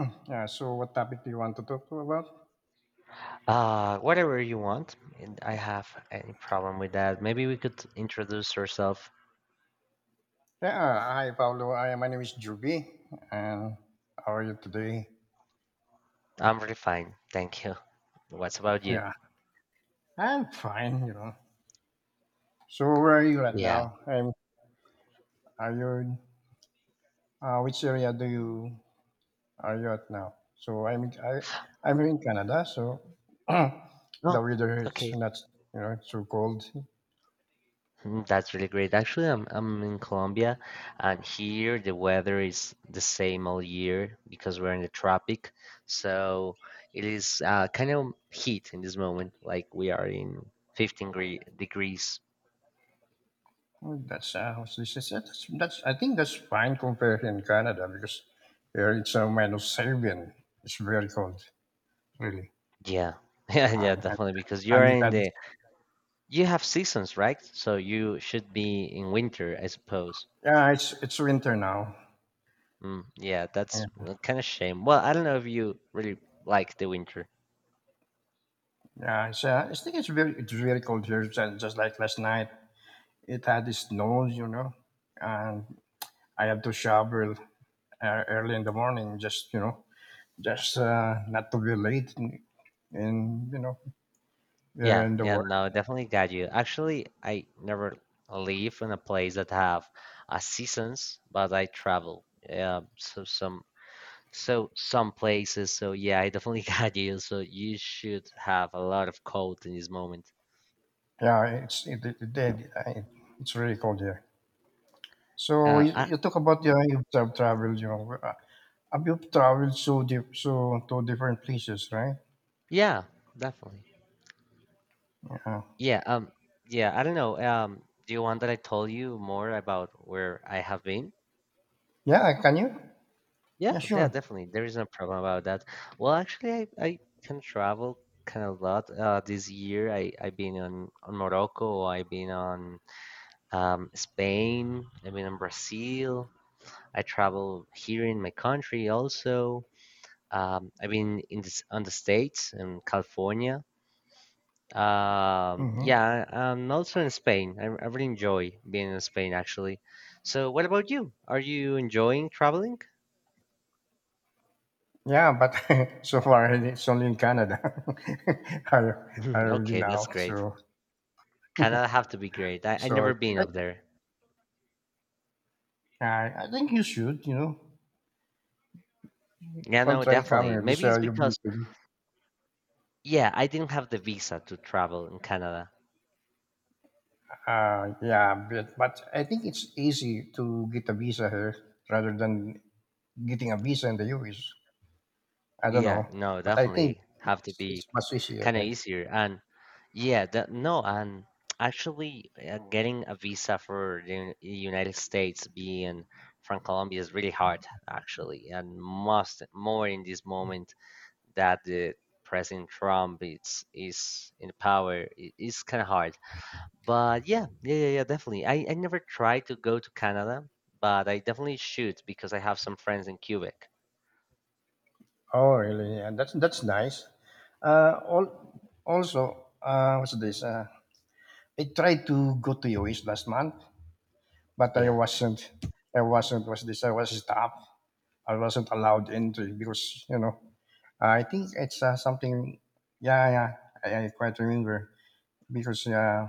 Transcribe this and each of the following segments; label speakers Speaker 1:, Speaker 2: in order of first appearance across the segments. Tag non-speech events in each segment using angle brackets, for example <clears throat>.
Speaker 1: <clears throat> Yeah, so what topic do you want to talk to about?
Speaker 2: Whatever you want. And I have any problem with that. Maybe we could introduce yourself.
Speaker 1: Yeah, hi Pablo. I My name is Juby, and how are you today?
Speaker 2: I'm really fine, thank you. What's about you?
Speaker 1: Yeah, I'm fine. You know. So where are you at
Speaker 2: Yeah.
Speaker 1: now? I'm. Are you? Which area do you are you at now? I'm here in Canada. So <clears throat> the
Speaker 2: Oh,
Speaker 1: weather is
Speaker 2: okay.
Speaker 1: not, you know, it's so cold.
Speaker 2: Mm, that's really great. Actually, I'm in Colombia, and here the weather is the same all year because we're in the tropic. So it is kind of heat in this moment, like we are in 15 gre degrees.
Speaker 1: Well, That's what's this is it. That's I think that's fine compared in Canada because here it's minus seven. It's very cold, really.
Speaker 2: Yeah, <laughs> yeah, yeah,
Speaker 1: And
Speaker 2: definitely. Because you're in
Speaker 1: Trinidad.
Speaker 2: the. You have seasons, right? So you should be in winter, I suppose.
Speaker 1: Yeah, it's winter now.
Speaker 2: Mm, yeah, that's
Speaker 1: Yeah,
Speaker 2: kind of shame. Well, I don't know if you really like the winter.
Speaker 1: I think it's very cold here. Just like last night, it had snow, you know, and I have to shower early in the morning, just, you know, just not to be late, and, you know, there
Speaker 2: Yeah,
Speaker 1: in the
Speaker 2: yeah,
Speaker 1: work.
Speaker 2: no, definitely got you. Actually, I never live in a place that have seasons, but I travel. Yeah, so some places. So yeah, I definitely <laughs> got you. So you should have a lot of cold in this moment.
Speaker 1: Yeah, it did. It's really cold here. So
Speaker 2: Uh, I,
Speaker 1: you talk about, yeah, you've traveled, you know, have you traveled so so to different places, right?
Speaker 2: yeah, definitely.
Speaker 1: Yeah.
Speaker 2: Yeah, yeah, I don't know. Do you want that I told you more about where I have been?
Speaker 1: Yeah, can you?
Speaker 2: Yeah,
Speaker 1: Yeah,
Speaker 2: yeah,
Speaker 1: sure.
Speaker 2: definitely. There is no problem about that. Well, actually, I can travel kind of a lot. This year, I've been on Morocco. I've been on Spain. I've been on Brazil. I travel here in my country also. I've been in this, on the States in California.
Speaker 1: Hmm.
Speaker 2: Yeah, I'm also in Spain. I really enjoy being in Spain, actually. So, what about you? Are you enjoying traveling?
Speaker 1: Yeah, but <laughs> so far it's only in Canada. <laughs> I
Speaker 2: <laughs>
Speaker 1: I've been
Speaker 2: Okay, that's
Speaker 1: out,
Speaker 2: great.
Speaker 1: so
Speaker 2: Canada have to be great. I
Speaker 1: so
Speaker 2: never been
Speaker 1: I,
Speaker 2: up there.
Speaker 1: I think you should, you know,
Speaker 2: Yeah,
Speaker 1: come
Speaker 2: no,
Speaker 1: try
Speaker 2: definitely.
Speaker 1: coming
Speaker 2: Maybe it's
Speaker 1: visa. You've been
Speaker 2: because,
Speaker 1: to,
Speaker 2: yeah, I didn't have the visa to travel in Canada.
Speaker 1: yeah, but I think it's easy to get a visa here rather than getting a visa in the U.S. I don't know,
Speaker 2: Yeah, no,
Speaker 1: but I think
Speaker 2: definitely have to be
Speaker 1: it's much easier
Speaker 2: kind of
Speaker 1: here.
Speaker 2: easier. And yeah, that no, and actually getting a visa for the United States being from Colombia is really hard, actually, and most more in this moment that the President Trump is in power. It's kind of hard, but yeah, yeah, yeah, yeah, definitely. I never tried to go to Canada, but I definitely should because I have some friends in Quebec.
Speaker 1: Oh, really? Yeah, that's nice. Uh, all, Also, what's this? I tried to go to US last month, but I
Speaker 2: Yeah.
Speaker 1: wasn't. I wasn't. Was this? I was stopped. I wasn't allowed entry because, you know, I think it's something. Yeah, yeah. I quite remember because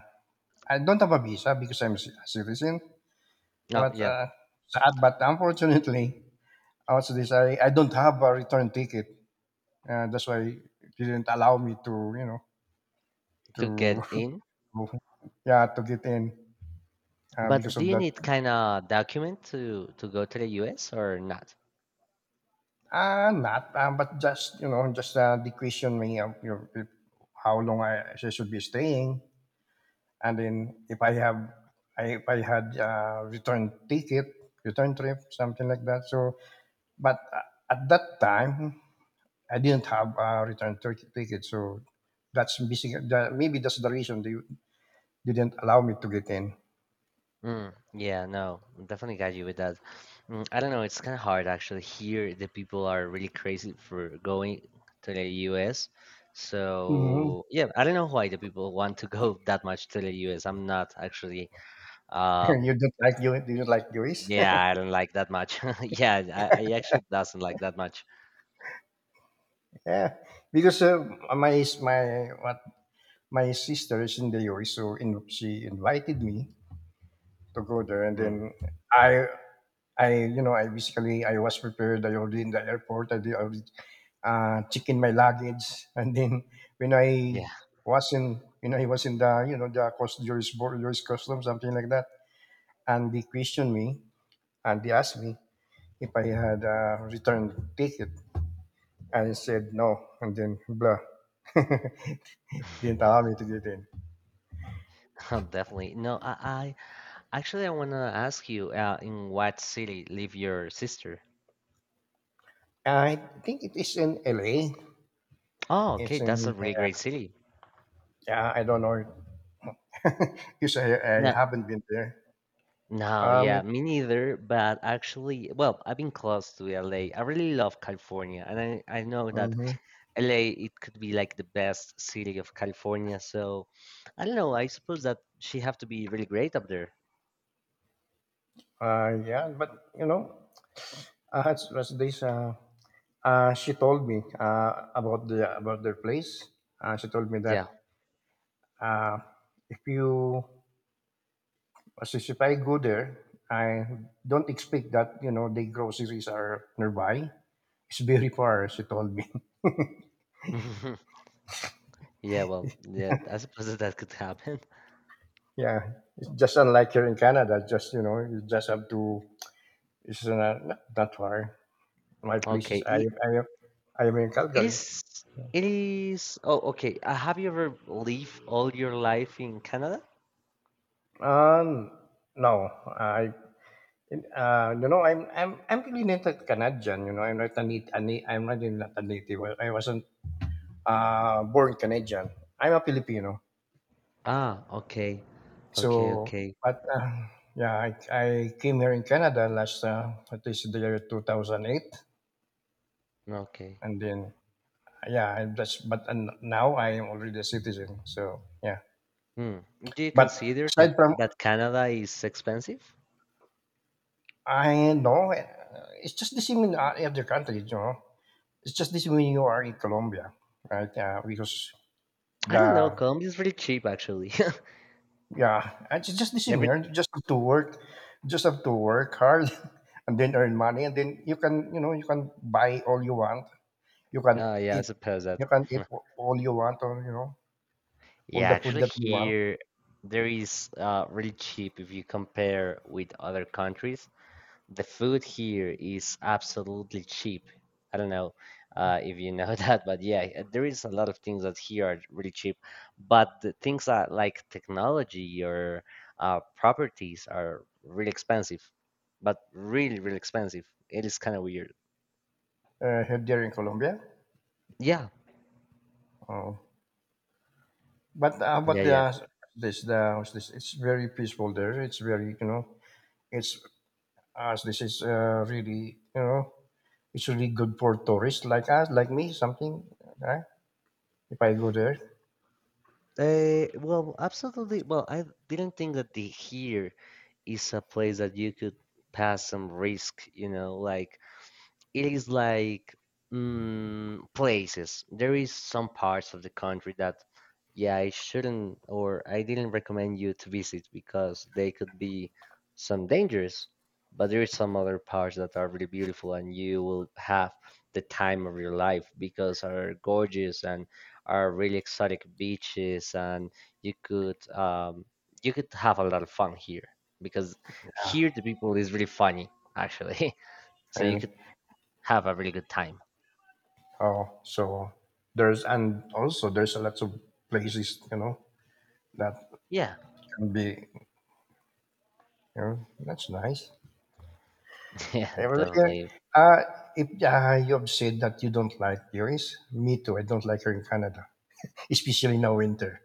Speaker 1: I don't have a visa because I'm a citizen.
Speaker 2: Oh,
Speaker 1: But
Speaker 2: yeah,
Speaker 1: sad, but unfortunately, I don't have a return ticket. That's why it didn't allow me, to you know,
Speaker 2: to
Speaker 1: to
Speaker 2: get in.
Speaker 1: <laughs> yeah, to get in
Speaker 2: But
Speaker 1: because
Speaker 2: do
Speaker 1: of
Speaker 2: you
Speaker 1: that.
Speaker 2: need kind of document to go to the US or not?
Speaker 1: Not, but just, you know, just the question me of your, if, how long I she should be staying, and then if I have, if I had return ticket, return trip, something like that. So, but at that time, I didn't have a return ticket, so that's basically that, maybe that's the reason they didn't allow me to get in.
Speaker 2: Mm, yeah, no, definitely got you with that. Mm, I don't know, it's kind of hard actually. Here, the people are really crazy for going to the US.
Speaker 1: Hmm.
Speaker 2: So, yeah, I don't know why the people want to <laughs> go that much to the US. I'm not actually,
Speaker 1: <laughs>
Speaker 2: uh,
Speaker 1: You don't like Jewish.
Speaker 2: yeah, I don't like that much. <laughs> Yeah, I actually doesn't like that much.
Speaker 1: <laughs> Yeah, because my my what my sister is in the US, so in, she invited me to go there, and
Speaker 2: Mm,
Speaker 1: then I, you know, I basically I was prepared. I already in the airport. I did already check in my luggage, <laughs> and then when
Speaker 2: yeah,
Speaker 1: I was in, you know, he was in the, you know, the cost US border US customs, something like that, and they questioned me, and they asked me if I had a return ticket. I said no, and then blah. <laughs> Didn't allow me to get in.
Speaker 2: <laughs> definitely. No, I, Actually, I want to ask you, in what city live your sister?
Speaker 1: I think it is in LA.
Speaker 2: Oh,
Speaker 1: It's
Speaker 2: okay, that's a
Speaker 1: in,
Speaker 2: really great
Speaker 1: yeah,
Speaker 2: city.
Speaker 1: yeah, I don't know. <laughs> Because I
Speaker 2: No,
Speaker 1: haven't been there.
Speaker 2: no,
Speaker 1: Um,
Speaker 2: yeah,
Speaker 1: it-
Speaker 2: me neither. But actually, well, I've been close to LA. I really love California, and I know that
Speaker 1: mhm.
Speaker 2: LA it could be like the best city of California. So I don't know. I suppose that she have to be really great up there.
Speaker 1: Yeah, but, you know, uh, it's, was this, uh, she told me about the about their place. She told me
Speaker 2: Yeah.
Speaker 1: that uh, if you, as if I go there, I don't expect that, you know, the groceries are nearby. It's very far, she told me. <laughs>
Speaker 2: <laughs> Yeah, well, yeah, I suppose that, that could happen.
Speaker 1: Yeah, it's just unlike here in Canada. Just, you know, you just have to. It's not not, not far. My
Speaker 2: <laughs>
Speaker 1: place is
Speaker 2: Okay,
Speaker 1: I am I am, I am in
Speaker 2: it
Speaker 1: Calgary.
Speaker 2: is. It is. Oh, okay. Have you ever lived all your life in Canada?
Speaker 1: Um, no, I you know, I'm really not a Canadian. You know, I'm not a I'm not, really not a native. I wasn't born Canadian. I'm a Filipino.
Speaker 2: Ah, okay, okay,
Speaker 1: So,
Speaker 2: okay,
Speaker 1: but yeah, I came here in Canada last at least the year 2008,
Speaker 2: okay.
Speaker 1: and then yeah, I just but and now I am already a citizen. So yeah,
Speaker 2: Hmm. Do you
Speaker 1: but
Speaker 2: consider that,
Speaker 1: aside from
Speaker 2: that Canada is expensive?
Speaker 1: I know. Uh, it's just the same in other countries, you know. It's just the same when you are in Colombia, right? Because
Speaker 2: I don't know.
Speaker 1: the
Speaker 2: Colombia is really cheap, actually. <laughs>
Speaker 1: Yeah, and it's just the same
Speaker 2: Every.
Speaker 1: here. You just have to work, you just have to work hard, <laughs> and then earn money, and then you can, you know, you can buy all you want. You can
Speaker 2: Yeah, I
Speaker 1: eat,
Speaker 2: suppose that.
Speaker 1: you can eat
Speaker 2: <laughs>
Speaker 1: all you want, or, you know, all
Speaker 2: Yeah,
Speaker 1: the food
Speaker 2: actually,
Speaker 1: that you want
Speaker 2: here there is really cheap if you compare with other countries. The food here is absolutely cheap. I don't know if you know <laughs> that, but yeah, there is a lot of things that here are really cheap. But the things that like technology or properties are really expensive, but really, really expensive. It is kind of weird.
Speaker 1: here there in Colombia.
Speaker 2: Yeah,
Speaker 1: Oh, but
Speaker 2: yeah, yeah.
Speaker 1: the this the what's this? It's very peaceful there. It's very, you know, it's as this is really, you know, it's really good for tourists like us, like me, something, right? If I go there,
Speaker 2: Well, absolutely. Well, I didn't think that the here is a place that you could pass some risk, like it is like places. There is some parts of the country that, yeah, I shouldn't or I didn't recommend you to visit because they could be some dangerous. But there is some other parts that are really beautiful, and you will have the time of your life because are gorgeous and are really exotic beaches, and you could um, you could have a lot of fun here because
Speaker 1: yeah,
Speaker 2: here the people is really funny actually. <laughs> So you
Speaker 1: really.
Speaker 2: could have a really good time.
Speaker 1: Oh, so there's, and also there's a lot of places, you know, that
Speaker 2: Yeah,
Speaker 1: can be, you know, that's nice.
Speaker 2: <laughs> yeah,
Speaker 1: I was here.
Speaker 2: definitely.
Speaker 1: Uh, if you have said that you don't like tourists, me too. I don't like her in Canada, <laughs> especially now winter.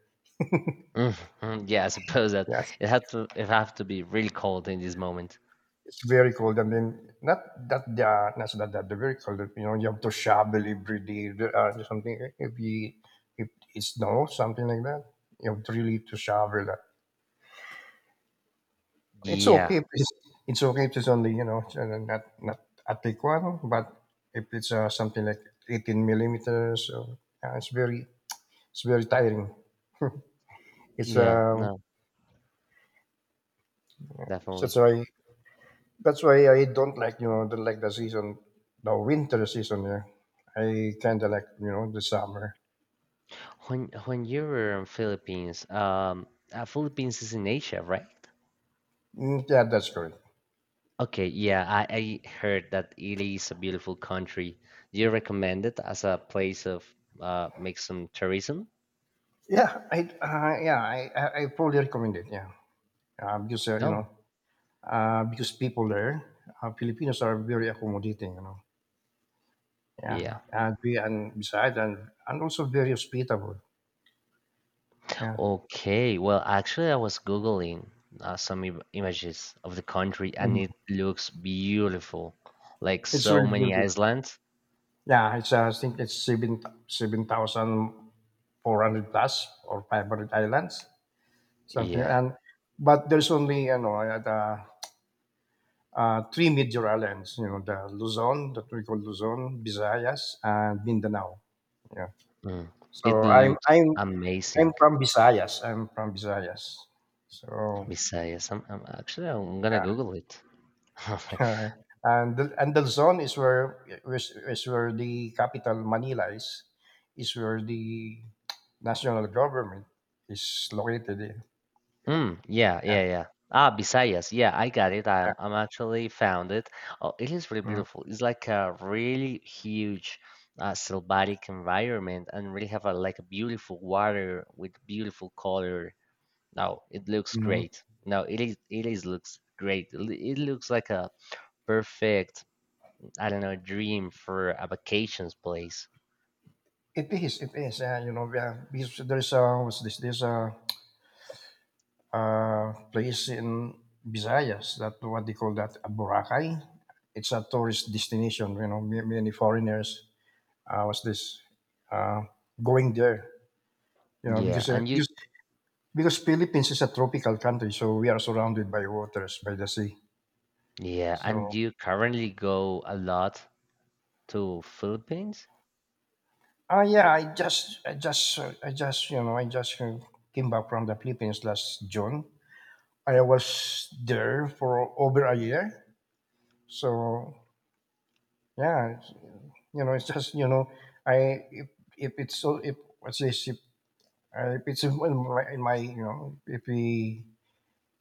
Speaker 2: Mhm, yeah, I suppose that
Speaker 1: Yeah,
Speaker 2: it have to be really cold in this moment.
Speaker 1: it's very cold. I mean, not that they are not so that they're very cold. You know, you have to shovel every day, something. If we if it snows, something like that, you have to really to shovel that. It's okay.
Speaker 2: Yeah,
Speaker 1: If it's, it's okay if it's only, you know, it's not Atiquan, but if it's something like 18 millimeters, so, uh, it's very it's very tiring. It's
Speaker 2: yeah, no,
Speaker 1: so that's
Speaker 2: definitely.
Speaker 1: why I don't like, you know, don't like the season, the winter season. Yeah, I kind of like, you know, the summer.
Speaker 2: When you were in Philippines, Philippines is in Asia, right?
Speaker 1: Mm, yeah, that's correct.
Speaker 2: Okay, yeah, I heard that Italy is a beautiful country. Do you recommend it as a place of make some tourism?
Speaker 1: Yeah, I yeah I probably recommend it. Yeah, because you know,
Speaker 2: No,
Speaker 1: because people there, Filipinos are very accommodating. You know, yeah,
Speaker 2: yeah.
Speaker 1: and we and besides and also very hospitable. Yeah.
Speaker 2: Okay, well, actually, I was Googling some im images of the country and
Speaker 1: Mhm.
Speaker 2: it looks beautiful. Like
Speaker 1: It's
Speaker 2: so
Speaker 1: really
Speaker 2: many
Speaker 1: beautiful.
Speaker 2: islands.
Speaker 1: Yeah, it's I think it's seven thousand four hundred plus or 500 islands something.
Speaker 2: Yeah,
Speaker 1: And but there's only, you know, three major islands, you know, the Luzon, that we call Luzon, Visayas, and Mindanao. Yeah.
Speaker 2: mm, it
Speaker 1: So
Speaker 2: looks
Speaker 1: I'm
Speaker 2: amazing.
Speaker 1: from Visayas. I'm from Visayas. So
Speaker 2: Besides, I'm actually, I'm gonna Google it. <laughs>
Speaker 1: <laughs> and the Luzon is where is where the capital Manila is where the national government is located.
Speaker 2: Mm, yeah,
Speaker 1: Yeah.
Speaker 2: yeah, yeah. Ah, Visayas. Yeah, I got it.
Speaker 1: Yeah.
Speaker 2: I'm actually found it. Oh, it is really
Speaker 1: Mhm.
Speaker 2: beautiful. It's like a really huge, sylvatic environment, and really have a like a beautiful water with beautiful color. No, it looks
Speaker 1: Mhm.
Speaker 2: great. No, it is looks great. It looks like a perfect, I don't know, dream for a vacations place.
Speaker 1: It is. It is. You know, yeah, because there's a what's this? there's a place in Visayas. That what they call that Boracay. It's a tourist destination. You know, many foreigners. What's this? Uh, going there. You know,
Speaker 2: Yeah,
Speaker 1: because
Speaker 2: and you,
Speaker 1: because Philippines is a tropical country, so we are surrounded by waters, by the sea.
Speaker 2: yeah,
Speaker 1: So,
Speaker 2: and you currently go a lot to Philippines?
Speaker 1: ah, yeah, you know, I just came back from the Philippines last June. I was there for over a year. So yeah, it's, you know, it's just, you know, I if it's so if what's this if it's in my, in my, you know,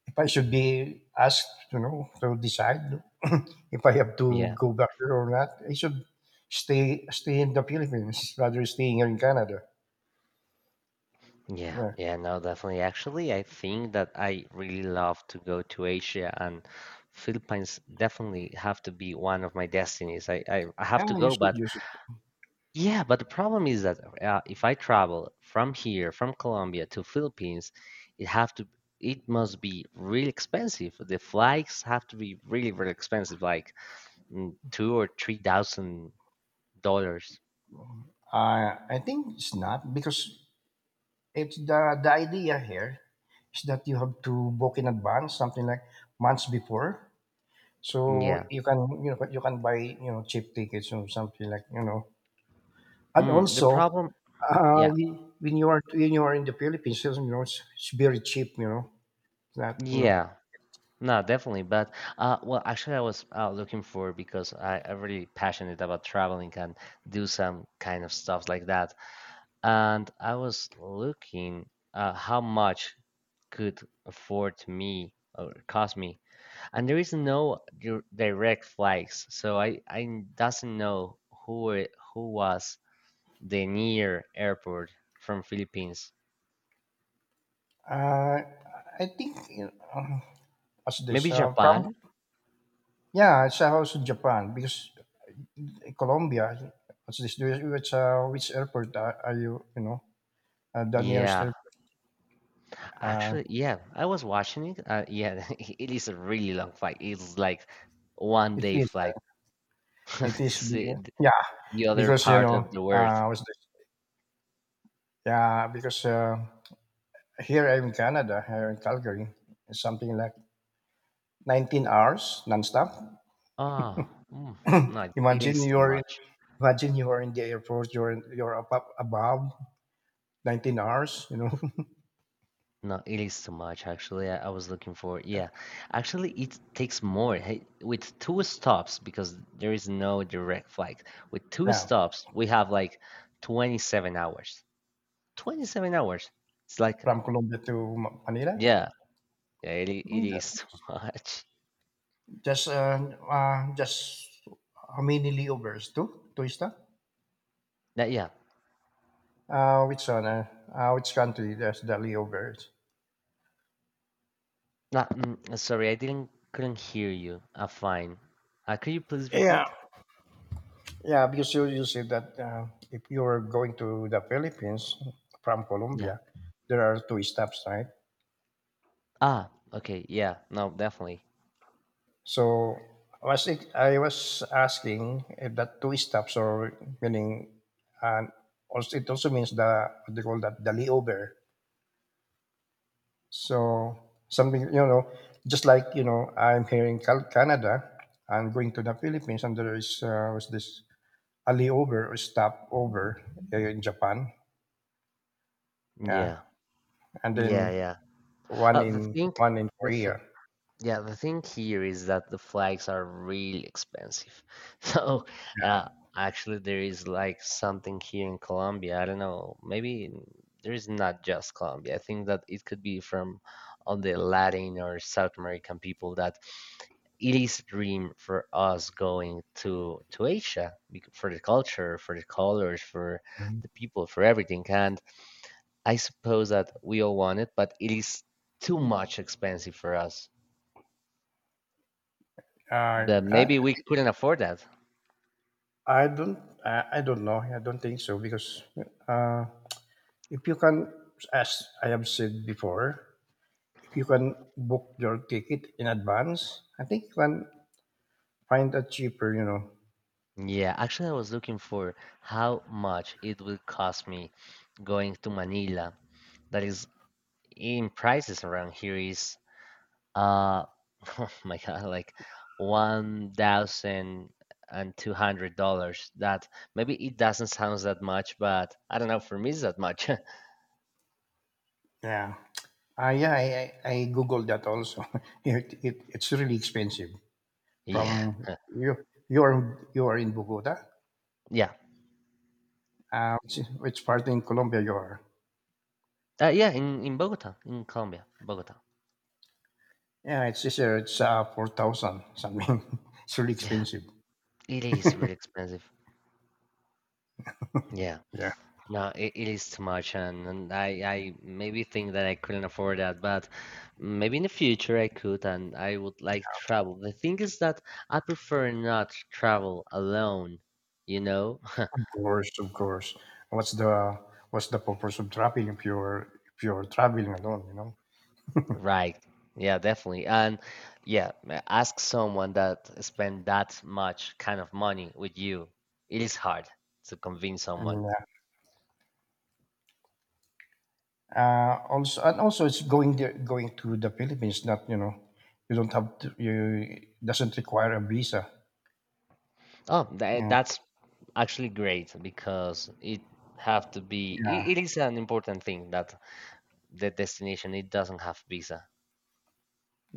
Speaker 1: if I should be asked, you know, to decide <clears throat> if I have to
Speaker 2: Yeah.
Speaker 1: go back there or not, I should stay in the Philippines rather than staying here in Canada.
Speaker 2: Yeah,
Speaker 1: Yeah,
Speaker 2: yeah, no, definitely. Actually, I think that I really love to go to Asia and Philippines definitely have to be one of my destinies. I have to
Speaker 1: and you
Speaker 2: go,
Speaker 1: should
Speaker 2: but
Speaker 1: use it.
Speaker 2: yeah, but the problem is that if I travel from here, from Colombia to Philippines, it have to it must be really expensive. The flights have to be really, really expensive, like two or three thousand dollars.
Speaker 1: I think it's not because it's the idea here is that you have to book in advance, something like months before, so
Speaker 2: Yeah.
Speaker 1: you can, you know, you can buy, you know, cheap tickets or something like, you know. And
Speaker 2: Mm, the
Speaker 1: also,
Speaker 2: problem, yeah.
Speaker 1: when when you are in the Philippines, you know, it's very cheap. You know that, you know.
Speaker 2: Yeah, no, definitely. But well, actually, I was looking for because I'm really passionate about traveling and do some kind of stuff like that. And I was looking how much could afford me or cost me. And there is no direct flights, so I doesn't know who was the near airport from Philippines.
Speaker 1: Uh, I think, you know, as this
Speaker 2: Maybe
Speaker 1: from
Speaker 2: Japan.
Speaker 1: yeah, it's also Japan because Colombia. What's this? There is- which which airport are you? You know, the nearest
Speaker 2: Yeah,
Speaker 1: airport. Uh,
Speaker 2: actually, yeah, I was watching it. Yeah, <laughs> it is a really long flight. It's like one
Speaker 1: it
Speaker 2: day
Speaker 1: is.
Speaker 2: flight.
Speaker 1: Uh,
Speaker 2: <laughs>
Speaker 1: it is. be-
Speaker 2: See,
Speaker 1: Yeah,
Speaker 2: the other
Speaker 1: because, you
Speaker 2: part
Speaker 1: know,
Speaker 2: of the world.
Speaker 1: What's this? yeah, because. Here I'm in Canada, here in Calgary. It's something like 19 hours nonstop.
Speaker 2: Oh, mm, no,
Speaker 1: <clears throat>
Speaker 2: it
Speaker 1: imagine
Speaker 2: is too
Speaker 1: you're in,
Speaker 2: much.
Speaker 1: imagine you are in the airport. You're up, up above 19 hours. You know,
Speaker 2: No, it is too much. Actually, I was looking for. Yeah, actually, it takes more hey, with two stops because there is no direct flight. With two
Speaker 1: <laughs> yeah,
Speaker 2: stops, we have like 27 hours. 27 hours. It's like,
Speaker 1: from Colombia to Manila.
Speaker 2: yeah, yeah, it
Speaker 1: Mm,
Speaker 2: is too <laughs> much.
Speaker 1: just just how many layovers? Two, two is that?
Speaker 2: That, yeah.
Speaker 1: Which one? Which country? That's the layovers.
Speaker 2: Sorry, I didn't couldn't hear you. Fine. Could you please
Speaker 1: Yeah,
Speaker 2: repeat?
Speaker 1: yeah, because you said that if you're going to the Philippines from
Speaker 2: Yeah.
Speaker 1: Colombia, there are two stops, right?
Speaker 2: Ah, okay. Yeah. No, definitely.
Speaker 1: So was it, I was asking if that two stops are meaning, and also, it also means the, what they call that, the layover. So something, you know, just like, you know, I'm here in Canada, I'm going to the Philippines and there is, was this a layover or stop over in Japan. Yeah.
Speaker 2: Yeah.
Speaker 1: And
Speaker 2: Yeah,
Speaker 1: then
Speaker 2: yeah.
Speaker 1: One
Speaker 2: The
Speaker 1: in
Speaker 2: thing,
Speaker 1: one in
Speaker 2: the
Speaker 1: Korea.
Speaker 2: Yeah, the thing here is that the flags are really expensive. <laughs> So, uh, actually, there is like something here in Colombia. I don't know. Maybe there is not just Colombia. I think that it could be from all the Latin or South American people that it is a dream for us going to Asia for the culture, for the colors, for
Speaker 1: Mhm.
Speaker 2: the people, for everything. And I suppose that we all want it, but it is too much expensive for us.
Speaker 1: Uh,
Speaker 2: But
Speaker 1: I
Speaker 2: maybe we couldn't afford that.
Speaker 1: I don't know. I don't think so because uh, if you can, as I have said before, if you can book your ticket in advance, I think you can find a cheaper. You know,
Speaker 2: Yeah, actually, I was looking for how much it would cost me going to Manila. That is in prices around here is uh <laughs> oh my God, like $1,200. That maybe it doesn't sound that much, but I don't know. For me, it's that much. <laughs>
Speaker 1: yeah. Yeah, I googled that also. <laughs> It's really expensive.
Speaker 2: Yeah,
Speaker 1: From
Speaker 2: <laughs>
Speaker 1: you, you are in Bogota.
Speaker 2: yeah,
Speaker 1: Which part in Colombia you are?
Speaker 2: yeah. In Bogota, in Colombia, Bogota.
Speaker 1: Yeah, it's just it's 4,000 something. <laughs> It's really
Speaker 2: Yeah,
Speaker 1: expensive.
Speaker 2: it is really expensive. Yeah.
Speaker 1: Yeah,
Speaker 2: No, it is too much, and I maybe think that I couldn't afford that, but maybe in the future I could, and I would like to travel. The thing is that I prefer not to travel alone, you know? <laughs>
Speaker 1: of course, of course. What's the what's the purpose of traveling if you're traveling alone? You know.
Speaker 2: Right. Yeah, definitely. And yeah, ask someone that spend that much kind of money with you. It is hard to convince someone.
Speaker 1: Yeah. Also, it's going there, going to the Philippines. Not you don't have to, you doesn't require a visa.
Speaker 2: Oh,
Speaker 1: Yeah,
Speaker 2: that's actually great because it have to be
Speaker 1: yeah,
Speaker 2: it, it is an important thing that the destination. It doesn't have visa.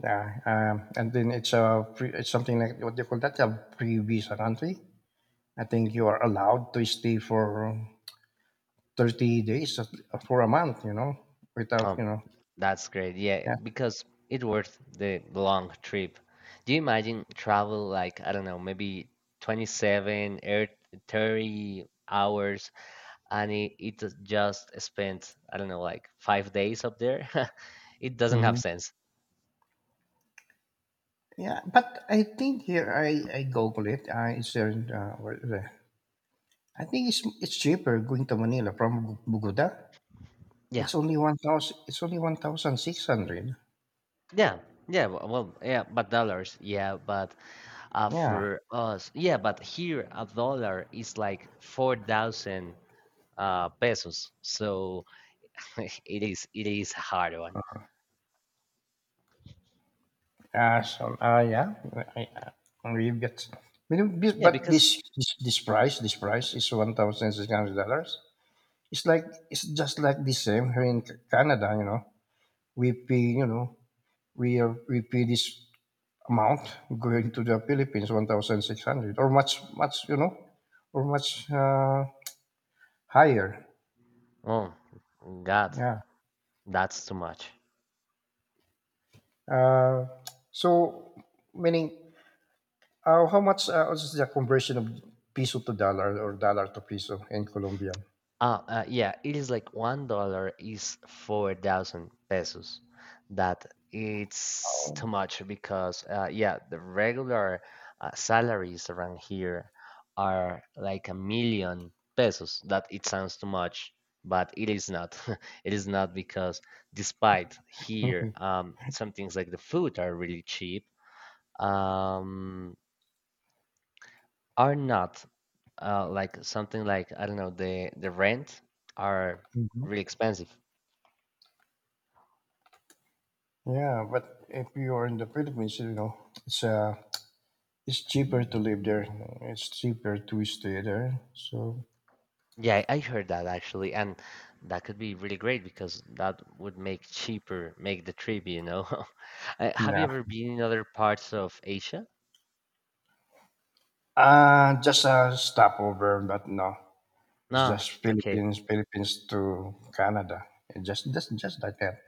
Speaker 1: yeah. And then it's a it's something like what they call that, a pre visa country. I think you are allowed to stay for 30 days for a month, without,
Speaker 2: Oh, that's great. Yeah,
Speaker 1: yeah.
Speaker 2: because it worth the long trip. Do you imagine travel like, I don't know, maybe 27 or 30 hours and it is just spent, I don't know, like 5 days up there? <laughs> It doesn't
Speaker 1: Hmm.
Speaker 2: have sense.
Speaker 1: Yeah, but I think here I Google it. It's where is it? I think it's cheaper going to Manila from Bugoda.
Speaker 2: Yeah,
Speaker 1: It's only 1,000. It's only 1,600.
Speaker 2: yeah, yeah. Well, yeah, but dollars, yeah, but
Speaker 1: Yeah.
Speaker 2: for us, yeah, but here a dollar is like 4,000 pesos. So <laughs> it is a hard one.
Speaker 1: So I, you get.
Speaker 2: Yeah,
Speaker 1: But
Speaker 2: because
Speaker 1: this price this price is $1,600. It's like it's just like the same here in Canada. You know, we pay, you know, we pay this amount going to the Philippines, 1,600 or much, much, or much higher.
Speaker 2: oh God,
Speaker 1: Yeah.
Speaker 2: that's too much.
Speaker 1: Uh, so, meaning, how much is the conversion of peso to dollar or dollar to peso in Colombian?
Speaker 2: Yeah, it is like $1 is 4,000 pesos. That it's too
Speaker 1: Oh.
Speaker 2: much because yeah, the regular salaries around here are like a million pesos. That it sounds too much, but it is not. <laughs> It is not because despite here,
Speaker 1: <laughs>
Speaker 2: some things like the food are really cheap. Um, are not like something like I don't know the rent are
Speaker 1: Mhm.
Speaker 2: really expensive.
Speaker 1: Yeah, but if you are in the Philippines, it's cheaper to live there. It's cheaper to stay there. So
Speaker 2: Yeah, I heard that actually, and that could be really great because that would make cheaper make the trip. <laughs> Have
Speaker 1: yeah.
Speaker 2: you ever been in other parts of Asia?
Speaker 1: Just a stopover, but no, it's
Speaker 2: No,
Speaker 1: just
Speaker 2: okay.
Speaker 1: Philippines to Canada. It just like that.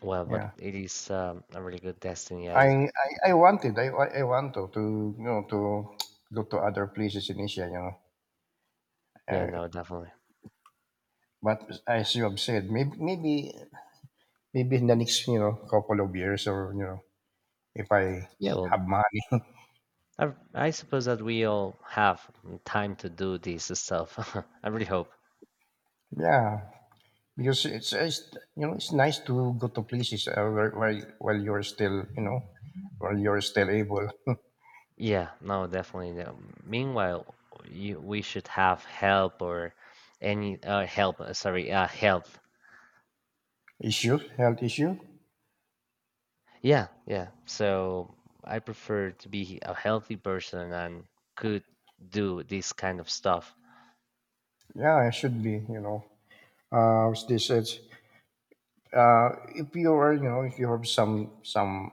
Speaker 2: Well,
Speaker 1: Yeah,
Speaker 2: but it is a really good destiny. I
Speaker 1: I want to to go to other places in Asia, you know.
Speaker 2: Yeah,
Speaker 1: Uh,
Speaker 2: no, definitely.
Speaker 1: but as you have said, maybe in the next, couple of years, or if I
Speaker 2: Yeah, well,
Speaker 1: have money. <laughs>
Speaker 2: I I suppose that we all have time to do this stuff. <laughs> I really hope.
Speaker 1: Yeah. Because it's you know it's nice to go to places where, while you're still, while you're still able.
Speaker 2: Yeah, no, definitely. No. Meanwhile, we should have help or any help. Sorry, help.
Speaker 1: Issue, health issue.
Speaker 2: Yeah, yeah. So I prefer to be a healthy person and could do this kind of stuff.
Speaker 1: Yeah, it should be. You know, as they said, uh, if you are, if you have some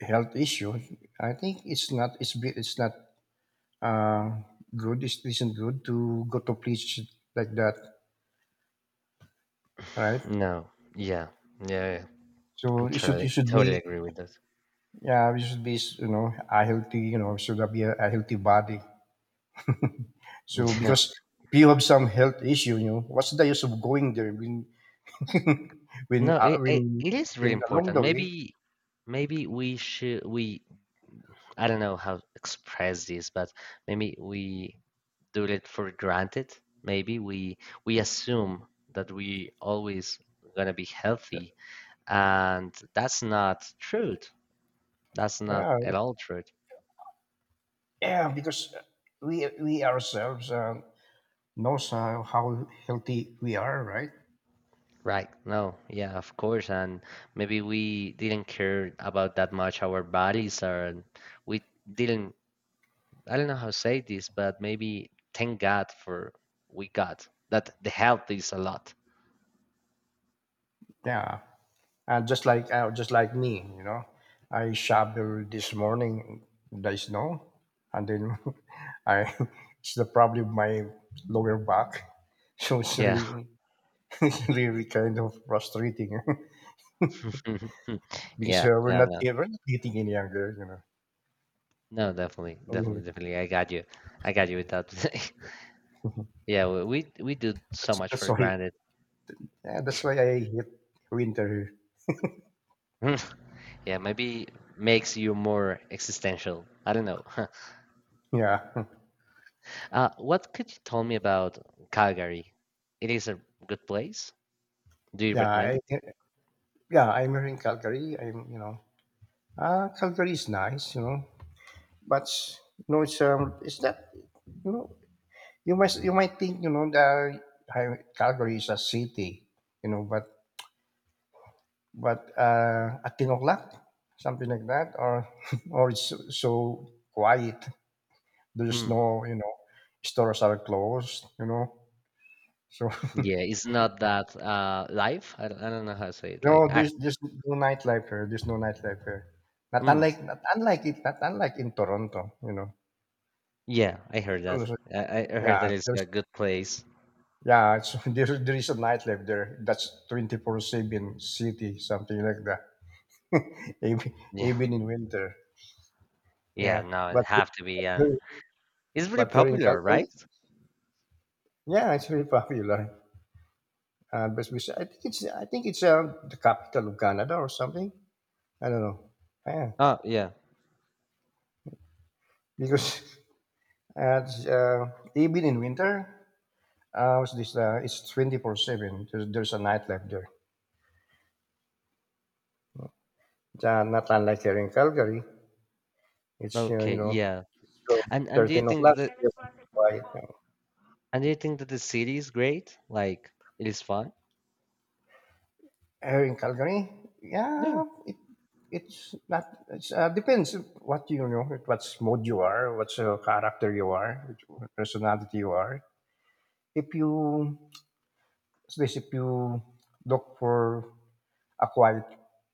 Speaker 1: health issue, I think it's not uh, good. It isn't good to go to place like that, right?
Speaker 2: No, yeah, yeah. Yeah. I
Speaker 1: So you should
Speaker 2: totally,
Speaker 1: you should
Speaker 2: totally
Speaker 1: be,
Speaker 2: agree with that.
Speaker 1: yeah, you should be, a healthy, should be a healthy body. <laughs> So
Speaker 2: <laughs> Yeah.
Speaker 1: because if you have some health issue, what's the use of going there? <laughs> When
Speaker 2: No, it, it, it is really
Speaker 1: along
Speaker 2: important.
Speaker 1: the way,
Speaker 2: Maybe we should we I don't know how to express this, but maybe we do it for granted. Maybe we assume that we always gonna be healthy, and that's not truth. That's not
Speaker 1: yeah,
Speaker 2: at all truth.
Speaker 1: yeah, because we ourselves, knows how, healthy we are, right?
Speaker 2: Right. No, yeah, of course. And maybe we didn't care about that much our bodies or we didn't, I don't know how to say this, but maybe thank God for we got that the health is a lot.
Speaker 1: Yeah, and just like, me, I shoveled this morning the snow, and then <laughs> I, it's the problem of my lower back. <laughs> So it's
Speaker 2: Yeah.
Speaker 1: really <laughs> it's really kind of frustrating. <laughs>
Speaker 2: <laughs>
Speaker 1: Because
Speaker 2: Yeah,
Speaker 1: we're
Speaker 2: yeah,
Speaker 1: not
Speaker 2: no.
Speaker 1: we're not getting any younger, you know.
Speaker 2: No, definitely,
Speaker 1: Mhm.
Speaker 2: definitely, definitely. I got you. I got you with that. <laughs> Yeah, we do so
Speaker 1: that's
Speaker 2: much
Speaker 1: that's
Speaker 2: for
Speaker 1: why.
Speaker 2: granted.
Speaker 1: Yeah, that's why I hate winter.
Speaker 2: <laughs> Yeah, maybe makes you more existential. I don't know. <laughs>
Speaker 1: Yeah. <laughs>
Speaker 2: What could you tell me about Calgary? It is a good place. Do you
Speaker 1: Yeah,
Speaker 2: recommend it?
Speaker 1: I, yeah. I'm here in Calgary. I'm, Calgary is nice, but, it's, it's that, you know, you might think, that Calgary is a city, but at 10 o'clock, something like that, or <laughs> or it's so quiet. There's
Speaker 2: Mm.
Speaker 1: no, stores are closed, so. <laughs>
Speaker 2: Yeah, it's not that live. I don't know how to say it.
Speaker 1: No,
Speaker 2: Like, act.
Speaker 1: there's no nightlife here. There's no nightlife here. Not
Speaker 2: Mm.
Speaker 1: unlike not unlike it not unlike in Toronto, you know.
Speaker 2: Yeah, I
Speaker 1: It's
Speaker 2: heard that.
Speaker 1: also-
Speaker 2: I
Speaker 1: yeah,
Speaker 2: heard that it's a
Speaker 1: there's,
Speaker 2: good place.
Speaker 1: yeah, it's, <laughs> there is a nightlife there. That's 24/7 city, something like that. <laughs> even
Speaker 2: Yeah,
Speaker 1: even in winter.
Speaker 2: yeah.
Speaker 1: Yeah.
Speaker 2: No,
Speaker 1: But
Speaker 2: it have to be, and
Speaker 1: here-
Speaker 2: it's really
Speaker 1: here in
Speaker 2: popular,
Speaker 1: Calgary,
Speaker 2: right?
Speaker 1: yeah, it's very popular. I think it's the capital of Canada or something. I don't know. Yeah,
Speaker 2: Oh, yeah.
Speaker 1: because <laughs> uh, it's, uh, even in winter. What's this? It's 24/7. There's a nightlife there. It's, not unlike here in Calgary. It's,
Speaker 2: Okay, yeah.
Speaker 1: it's, uh,
Speaker 2: And and do you
Speaker 1: 13
Speaker 2: think
Speaker 1: o'clock.
Speaker 2: that the,
Speaker 1: It's very quiet. You.
Speaker 2: and do you think that the city is great? Like it is fun?
Speaker 1: Here in Calgary,
Speaker 2: Yeah.
Speaker 1: yeah, it's not, it's, depends what, what mode you are, what, character you are, what personality you are. If you, what's this? If you look for a quiet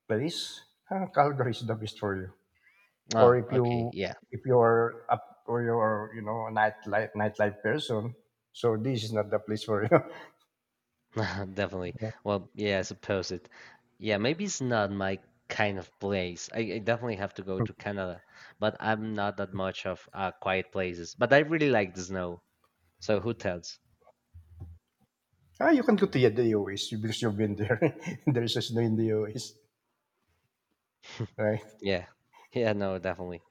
Speaker 1: place, Calgary is the best for you. Or
Speaker 2: Oh,
Speaker 1: if
Speaker 2: okay,
Speaker 1: you
Speaker 2: yeah.
Speaker 1: if you're up, or you're, a nightlife person, so this is not the place for you. <laughs>
Speaker 2: <laughs> Definitely.
Speaker 1: Yeah.
Speaker 2: Well, yeah, I suppose it. Yeah, maybe it's not my kind of place. I definitely have to go to Canada, but I'm not that much of quiet places. But I really like the snow. So who tells?
Speaker 1: Ah, you can go to the OAs because you've been there. <laughs> There's just no in the OAs, right?
Speaker 2: Yeah. Yeah, no, definitely.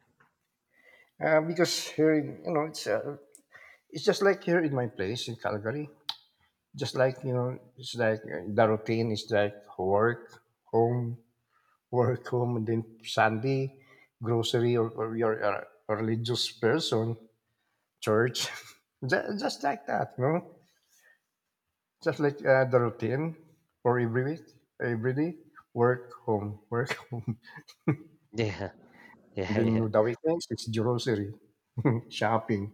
Speaker 1: Because here in, it's, just like here in my place in Calgary, just like, it's like, the routine is like work, home, <laughs> work, home, and then Sunday grocery, or you're a religious person, church. <laughs> Just like that, just like, the routine for every week, every day, work, home, work, <laughs> home,
Speaker 2: Yeah. <laughs>
Speaker 1: and
Speaker 2: Yeah, yeah.
Speaker 1: then the weekends it's grocery, <laughs> shopping,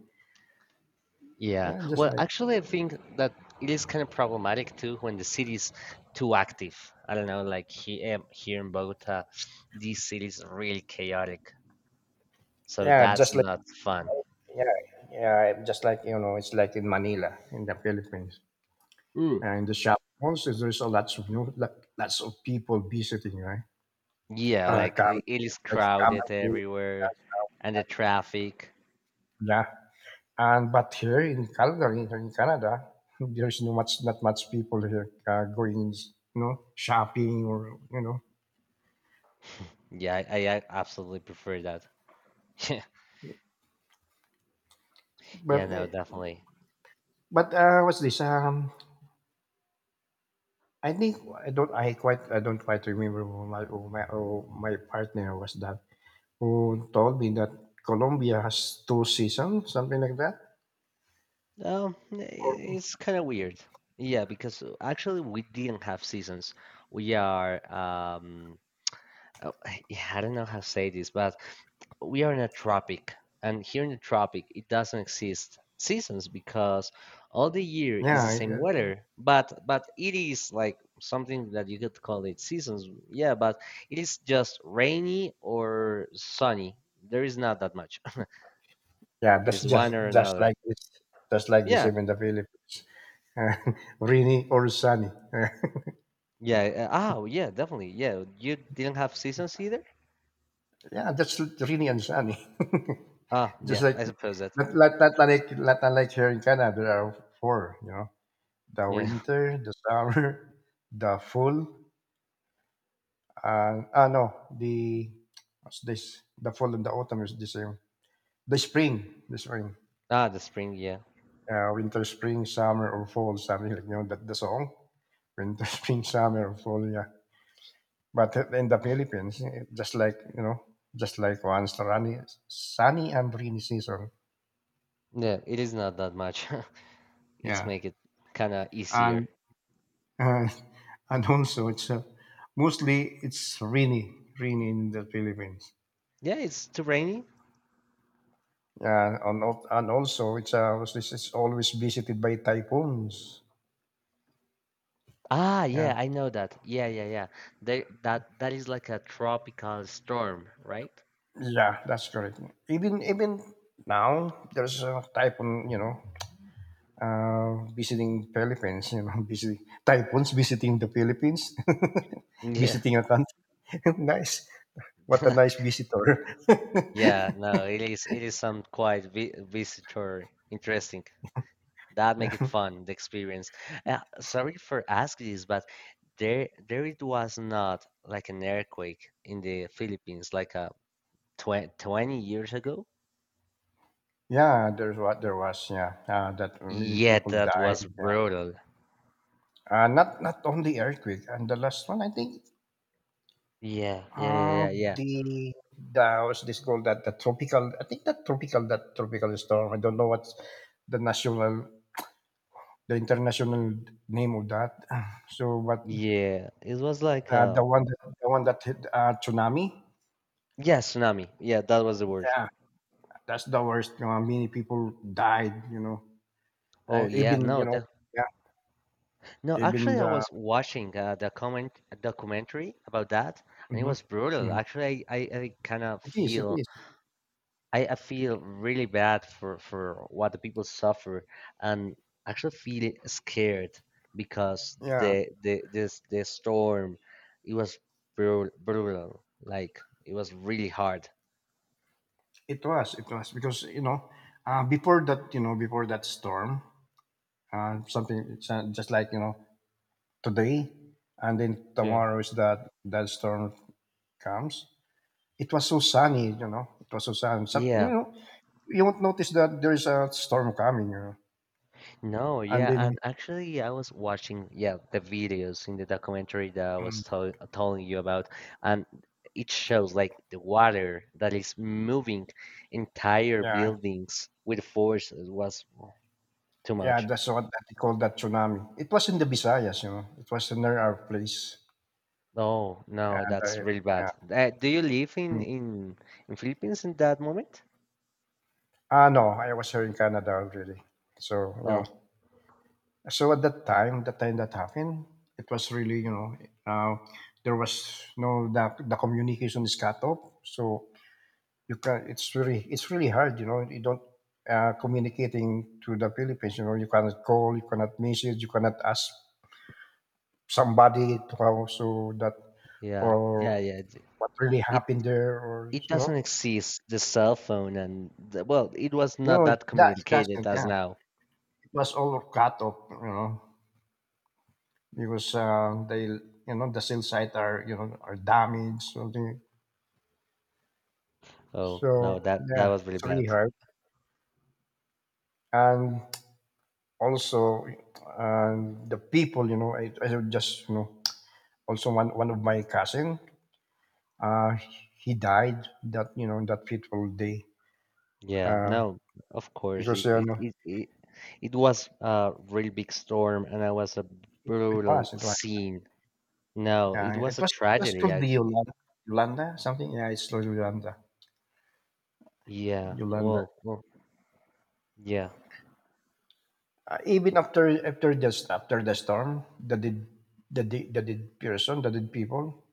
Speaker 2: Yeah.
Speaker 1: yeah, just
Speaker 2: Well,
Speaker 1: like,
Speaker 2: actually, I think that it is kind of problematic too when the city's too active. I don't know, like here in Bogota, this city is really chaotic. So
Speaker 1: yeah, just
Speaker 2: that's
Speaker 1: like
Speaker 2: not fun.
Speaker 1: yeah, yeah, just like, it's like in Manila in the Philippines,
Speaker 2: Ooh.
Speaker 1: and in the shop malls there's a lots of, lots of people visiting, right?
Speaker 2: Yeah, like
Speaker 1: Come,
Speaker 2: it is
Speaker 1: and
Speaker 2: crowded
Speaker 1: go,
Speaker 2: everywhere and the traffic.
Speaker 1: yeah. And but here in Calgary, here in Canada, <laughs> there's no much, not much people here, going, shopping or you know.
Speaker 2: Yeah, I absolutely prefer that. <laughs> Yeah, yeah,
Speaker 1: But
Speaker 2: no, definitely.
Speaker 1: what's this? I think I don't. I don't quite remember who my, who my partner was that, who told me that Colombia has two seasons, something like that.
Speaker 2: Um, i-
Speaker 1: Or
Speaker 2: it's kind of weird. Yeah, because actually we didn't have seasons. We are um oh, <laughs> yeah, I don't know how to say this, but we are in a tropic, and here in the tropic, it doesn't exist seasons because all the year is the
Speaker 1: yeah,
Speaker 2: same
Speaker 1: yeah,
Speaker 2: weather. But it is like something that you could call it seasons. Yeah, but it is just rainy or sunny. There is not that much. <laughs>
Speaker 1: yeah,
Speaker 2: It
Speaker 1: that's
Speaker 2: is one or
Speaker 1: just
Speaker 2: another.
Speaker 1: like this,
Speaker 2: Yeah,
Speaker 1: even the Philippines, <laughs> rainy or sunny. <laughs>
Speaker 2: yeah. Oh, yeah, definitely. Yeah, you didn't have seasons either.
Speaker 1: Yeah, that's really uncanny.
Speaker 2: Ah,
Speaker 1: <laughs> Just
Speaker 2: yeah,
Speaker 1: like,
Speaker 2: I suppose that.
Speaker 1: not like, not unlike here in Canada, there are four. You know, the
Speaker 2: Yeah. <laughs>
Speaker 1: winter, the summer, <laughs> the fall. No, the what's this? the fall and the autumn is the same. The spring.
Speaker 2: Ah, the spring. Yeah,
Speaker 1: Winter, spring, summer, or fall, something like, that, the song. Winter, <laughs> spring, summer, or fall. Yeah, but in the Philippines, just like, once sunny, and rainy season.
Speaker 2: yeah. It is not that much. <laughs> It's
Speaker 1: Yeah.
Speaker 2: make it kind of easier.
Speaker 1: And Uh, <laughs> and also, it's, mostly it's rainy in the Philippines.
Speaker 2: Yeah, it's too rainy.
Speaker 1: Yeah, and also it's, this is always visited by typhoons.
Speaker 2: Ah,
Speaker 1: Yeah,
Speaker 2: yeah, I know that. Yeah, yeah, yeah. They that that is like a tropical storm, right?
Speaker 1: yeah, that's correct. Even now, there's a typhoon. You know, visiting Philippines. You know, <laughs> visiting typhoons, visiting the Philippines, <laughs>
Speaker 2: Yeah.
Speaker 1: visiting a country. <laughs> Nice. What a nice
Speaker 2: <laughs>
Speaker 1: visitor.
Speaker 2: Yeah,
Speaker 1: <laughs>
Speaker 2: no, it is some quite vi visitor interesting. That make it
Speaker 1: Yeah.
Speaker 2: fun, the experience. Sorry for asking this, but there it was not like an earthquake in the Philippines like a tw 20 years ago.
Speaker 1: Yeah, there's what there was. Yeah, that many
Speaker 2: Yeah,
Speaker 1: people
Speaker 2: that
Speaker 1: died.
Speaker 2: was
Speaker 1: Yeah,
Speaker 2: brutal.
Speaker 1: not only earthquake. And the last one, I think,
Speaker 2: Yeah, yeah,
Speaker 1: uh,
Speaker 2: yeah, yeah,
Speaker 1: the, what's this called? That the tropical. I think that tropical, storm. I don't know what's the national, the international name of that. <sighs> So, but,
Speaker 2: yeah, it was like
Speaker 1: the one that hit, tsunami.
Speaker 2: yeah, tsunami. Yeah, that was the word.
Speaker 1: Yeah, that's the worst. You know, many people died. You know,
Speaker 2: Oh yeah,
Speaker 1: even,
Speaker 2: no, that,
Speaker 1: yeah,
Speaker 2: no.
Speaker 1: even
Speaker 2: Actually, I
Speaker 1: the.
Speaker 2: was watching the comment a documentary about that, and it
Speaker 1: Mhm,
Speaker 2: was brutal.
Speaker 1: mhm.
Speaker 2: Actually, I kind of
Speaker 1: It is. It
Speaker 2: feel
Speaker 1: is.
Speaker 2: I feel really bad for what the people suffer, and actually feel scared because
Speaker 1: Yeah.
Speaker 2: the storm, it was brutal, brutal. Like it was really hard.
Speaker 1: It was because, before that, storm, something it's, just like, today, and then
Speaker 2: Yeah.
Speaker 1: tomorrow is that that storm comes. It was so sunny, it was so sunny. So, you
Speaker 2: Yeah.
Speaker 1: know, you won't notice that there is a storm coming,
Speaker 2: No,
Speaker 1: and
Speaker 2: yeah,
Speaker 1: then
Speaker 2: and actually, I was watching, yeah, the videos in the documentary that I
Speaker 1: mm,
Speaker 2: was telling you about, and it shows like the water that is moving entire
Speaker 1: yeah,
Speaker 2: buildings with force. It was too
Speaker 1: yeah,
Speaker 2: much.
Speaker 1: that's what that they call that tsunami. It was in the Visayas, it was near our place,
Speaker 2: Oh no,
Speaker 1: and I,
Speaker 2: that's really
Speaker 1: yeah.
Speaker 2: bad. Do you live in
Speaker 1: Mm.
Speaker 2: in in Philippines in that moment?
Speaker 1: Ah, no, I was here in Canada already. So,
Speaker 2: Oh
Speaker 1: So at that time, the time that happened, it was really, uh, there was no the communication is cut off. So you can it's really hard, you know. You don't, communicating to the Philippines, you know. You cannot call, you cannot message, you cannot ask somebody to how so that,
Speaker 2: yeah,
Speaker 1: or
Speaker 2: yeah, yeah.
Speaker 1: what really
Speaker 2: It
Speaker 1: happened there, or
Speaker 2: it doesn't exist. The cell phone and the, well, it was
Speaker 1: you
Speaker 2: not
Speaker 1: know
Speaker 2: that
Speaker 1: that it
Speaker 2: communicated
Speaker 1: doesn't.
Speaker 2: as
Speaker 1: Yeah,
Speaker 2: now.
Speaker 1: it was all cut off. Because they you know the sales site are, you know, are damaged something.
Speaker 2: Oh
Speaker 1: So
Speaker 2: no, that
Speaker 1: yeah,
Speaker 2: was really
Speaker 1: it's really
Speaker 2: bad.
Speaker 1: hard. And also the people, you know, I just, also one of my cousin uh, he died that, you know, that fateful day.
Speaker 2: Yeah,
Speaker 1: uh,
Speaker 2: no, of course
Speaker 1: because
Speaker 2: it
Speaker 1: you
Speaker 2: it
Speaker 1: know
Speaker 2: it it, it was a really big storm, and that was a
Speaker 1: it, it
Speaker 2: brutal
Speaker 1: was it was
Speaker 2: scene. No,
Speaker 1: yeah,
Speaker 2: it
Speaker 1: it
Speaker 2: was a
Speaker 1: was it was
Speaker 2: tragedy.
Speaker 1: called the Yolanda, Yolanda something. Yeah, it's called Yolanda
Speaker 2: Yeah,
Speaker 1: Yolanda.
Speaker 2: well, well, yeah,
Speaker 1: Even after the storm, the did, the did, the did person, the did people,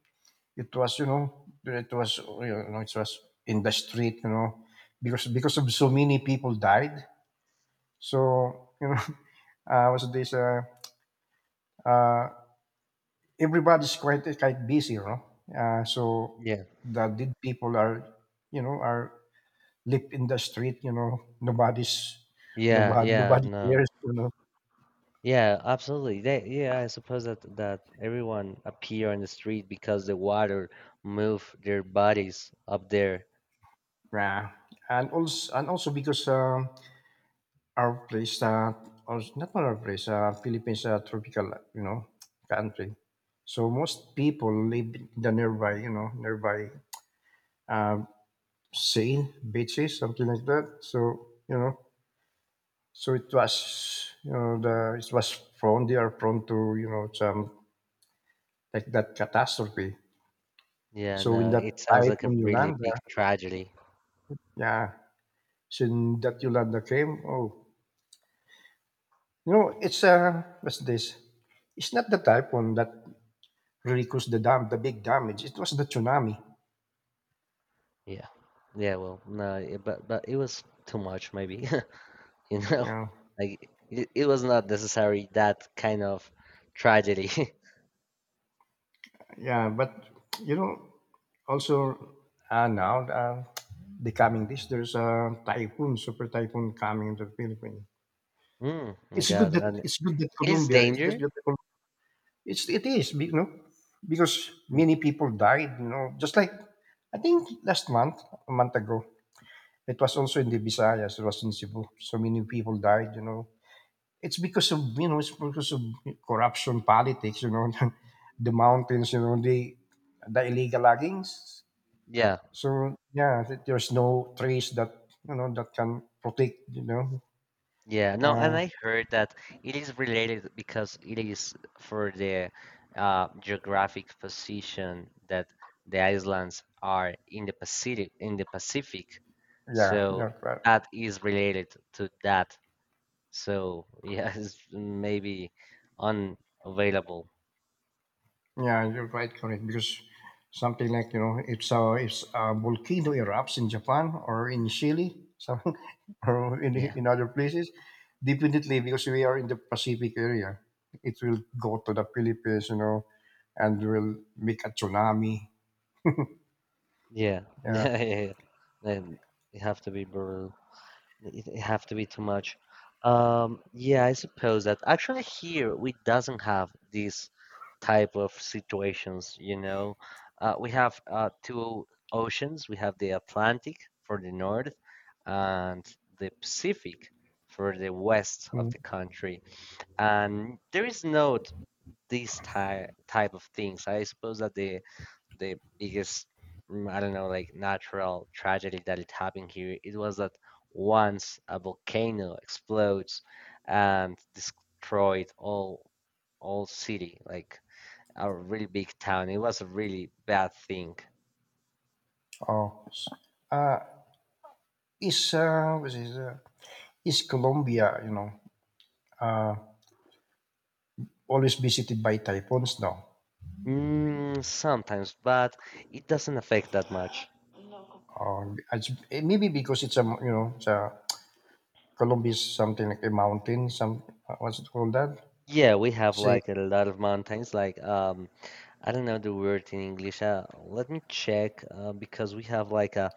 Speaker 1: it was, you know, it was, you know, it was in the street, you know. Because of so many people died. So you know, <laughs> was this uh, everybody's quite busy, you know. Uh, so
Speaker 2: yeah,
Speaker 1: the did people are, you know, are live in the street, you know. Nobody's
Speaker 2: yeah,
Speaker 1: nobody
Speaker 2: yeah.
Speaker 1: nobody
Speaker 2: No,
Speaker 1: cares, you know.
Speaker 2: yeah, absolutely. Yeah, I suppose that that everyone appear on the street because the water moved their bodies up there.
Speaker 1: Yeah, and also, and also because our place, or not our place, Philippines, tropical, you know, country. So most people live in the nearby, you know, nearby um, sea, beaches, something like that. So you know, so it was, you know, the it was prone. They are prone to, you know, some like that catastrophe.
Speaker 2: Yeah,
Speaker 1: So when
Speaker 2: no, it
Speaker 1: that
Speaker 2: sounds like a
Speaker 1: typhoon
Speaker 2: really
Speaker 1: Yolanda,
Speaker 2: big tragedy.
Speaker 1: yeah, so when that Yolanda came, oh, you know, it's what's this? It's not the typhoon that really caused the dam the big damage. It was the tsunami.
Speaker 2: Yeah. Yeah, well, no, it, but it was too much maybe. <laughs> You know,
Speaker 1: Yeah,
Speaker 2: like it was not necessary that kind of tragedy. <laughs>
Speaker 1: yeah. But you know, also now the coming this, there's a typhoon, super typhoon coming into the Philippines.
Speaker 2: Mm, my God. And it
Speaker 1: It's good that
Speaker 2: is
Speaker 1: Colombia is that
Speaker 2: danger.
Speaker 1: that Col- it's it is be- you know because
Speaker 2: Mm,
Speaker 1: many people died. You know, just like I think last month, a month ago, it was also in the Visayas. It was in Cebu. So many people died. You know, it's because of corruption politics, you know, <laughs> the mountains, you know, the illegal loggings.
Speaker 2: yeah.
Speaker 1: So yeah, there's no trees that, you know, that can protect, you know.
Speaker 2: Yeah. No, and
Speaker 1: uh,
Speaker 2: I heard that it is related because it is for the geographic position that the islands are in the Pacific. So
Speaker 1: yeah, yeah, right.
Speaker 2: that is related to that. So yeah, <laughs> it's maybe unavailable.
Speaker 1: Yeah, you're right, correct. Because something like, you know, if a volcano erupts in Japan or in Chile, something, <laughs> or in
Speaker 2: Yeah,
Speaker 1: in other places, definitely because we are in the Pacific area, it will go to the Philippines, you know, and will make a tsunami.
Speaker 2: yeah, <laughs>
Speaker 1: Yeah.
Speaker 2: yeah, yeah, yeah. Then it have to be brutal. It have to be too much. Yeah, I suppose that actually here we doesn't have these type of situations. You know, we have two oceans. We have the Atlantic for the north, and the Pacific for the west of
Speaker 1: Mm.
Speaker 2: the country, and there is no these type of things. I suppose that the biggest I don't know like natural tragedy that it happened here it was that once a volcano explodes and destroyed all city like a really big town. It was a really bad thing.
Speaker 1: Oh, s- uh, is what is, is Colombia, you know, uh, always visited by typhoons now?
Speaker 2: Mm, sometimes, but it doesn't affect that much.
Speaker 1: Maybe because it's a, you know, it's a Columbus something like a mountain. Some what's it called that?
Speaker 2: Yeah, we have
Speaker 1: See,
Speaker 2: like a lot of mountains. Like I don't know the word in English. Let me check because we have like a,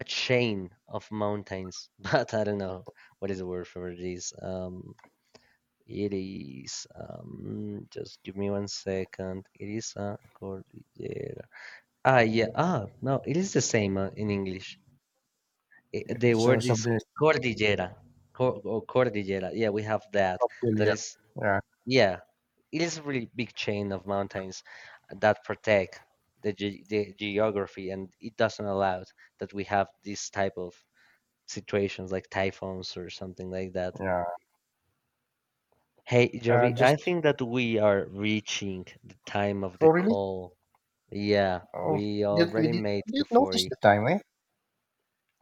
Speaker 2: a chain of mountains, <laughs> but I don't know what is the word for this. Just give me one second. It is a cordillera. Ah, yeah. Ah, no, it is the same in English. I The
Speaker 1: it's
Speaker 2: word is
Speaker 1: something like
Speaker 2: cordillera. Cordillera. Yeah, we have that.
Speaker 1: cocktail.
Speaker 2: That
Speaker 1: Yeah,
Speaker 2: is
Speaker 1: yeah,
Speaker 2: Yeah, it is a really big chain of mountains that protect the geography, and it doesn't allow that we have this type of situations like typhoons or something like that.
Speaker 1: yeah.
Speaker 2: Hey, Javi, I
Speaker 1: Just
Speaker 2: think that we are reaching the time of
Speaker 1: oh
Speaker 2: the
Speaker 1: really?
Speaker 2: call. Yeah,
Speaker 1: Oh,
Speaker 2: we
Speaker 1: did we
Speaker 2: already
Speaker 1: did
Speaker 2: made
Speaker 1: we
Speaker 2: the
Speaker 1: didn't notice the
Speaker 2: 40.
Speaker 1: time, eh?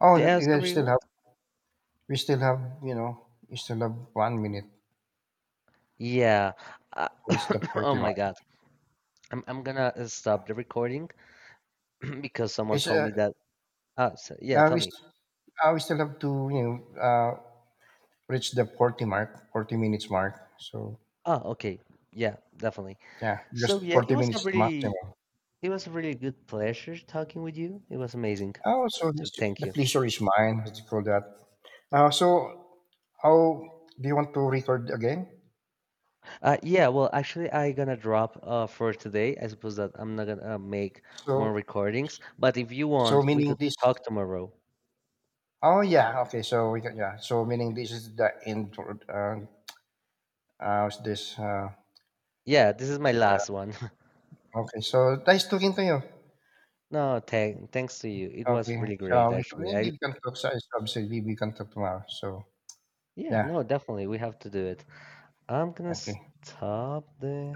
Speaker 1: Oh,
Speaker 2: Yeah,
Speaker 1: we
Speaker 2: sorry,
Speaker 1: still
Speaker 2: what?
Speaker 1: have, we still have 1 minute.
Speaker 2: Yeah. uh,
Speaker 1: It's the
Speaker 2: <coughs> oh
Speaker 1: 40 mark.
Speaker 2: my God. I'm gonna stop the recording <clears throat> because someone
Speaker 1: It's
Speaker 2: told
Speaker 1: uh,
Speaker 2: me that. Ah, so, yeah,
Speaker 1: uh,
Speaker 2: tell
Speaker 1: we
Speaker 2: me.
Speaker 1: st- we still have to, you know, reach the 40 mark, 40 minutes mark. So
Speaker 2: Oh, okay. Yeah, definitely.
Speaker 1: yeah,
Speaker 2: So
Speaker 1: just
Speaker 2: yeah,
Speaker 1: forty minutes is the maximum.
Speaker 2: it was a really good pleasure talking with you. It was amazing.
Speaker 1: Oh, so
Speaker 2: So
Speaker 1: Mr.
Speaker 2: thank
Speaker 1: the
Speaker 2: you.
Speaker 1: pleasure is mine. What do you call that? Uh, so How do you want to record again?
Speaker 2: Yeah, well actually I gonna drop for today. I suppose that I'm not gonna make
Speaker 1: So,
Speaker 2: more recordings, but if you want, we
Speaker 1: meaning
Speaker 2: could
Speaker 1: this?
Speaker 2: talk tomorrow.
Speaker 1: Oh, yeah. Okay. So we can, yeah. So meaning this is the intro. What's this?
Speaker 2: Yeah, this is my
Speaker 1: Yeah.
Speaker 2: last one. <laughs>
Speaker 1: Okay. So nice talking to you.
Speaker 2: No, thanks to you. It was
Speaker 1: Okay.
Speaker 2: really
Speaker 1: So
Speaker 2: great
Speaker 1: we can,
Speaker 2: actually.
Speaker 1: maybe
Speaker 2: I
Speaker 1: we can talk. So obviously we can talk tomorrow. So
Speaker 2: Yeah,
Speaker 1: yeah.
Speaker 2: no, definitely we have to do it. I'm gonna
Speaker 1: Okay.
Speaker 2: stop the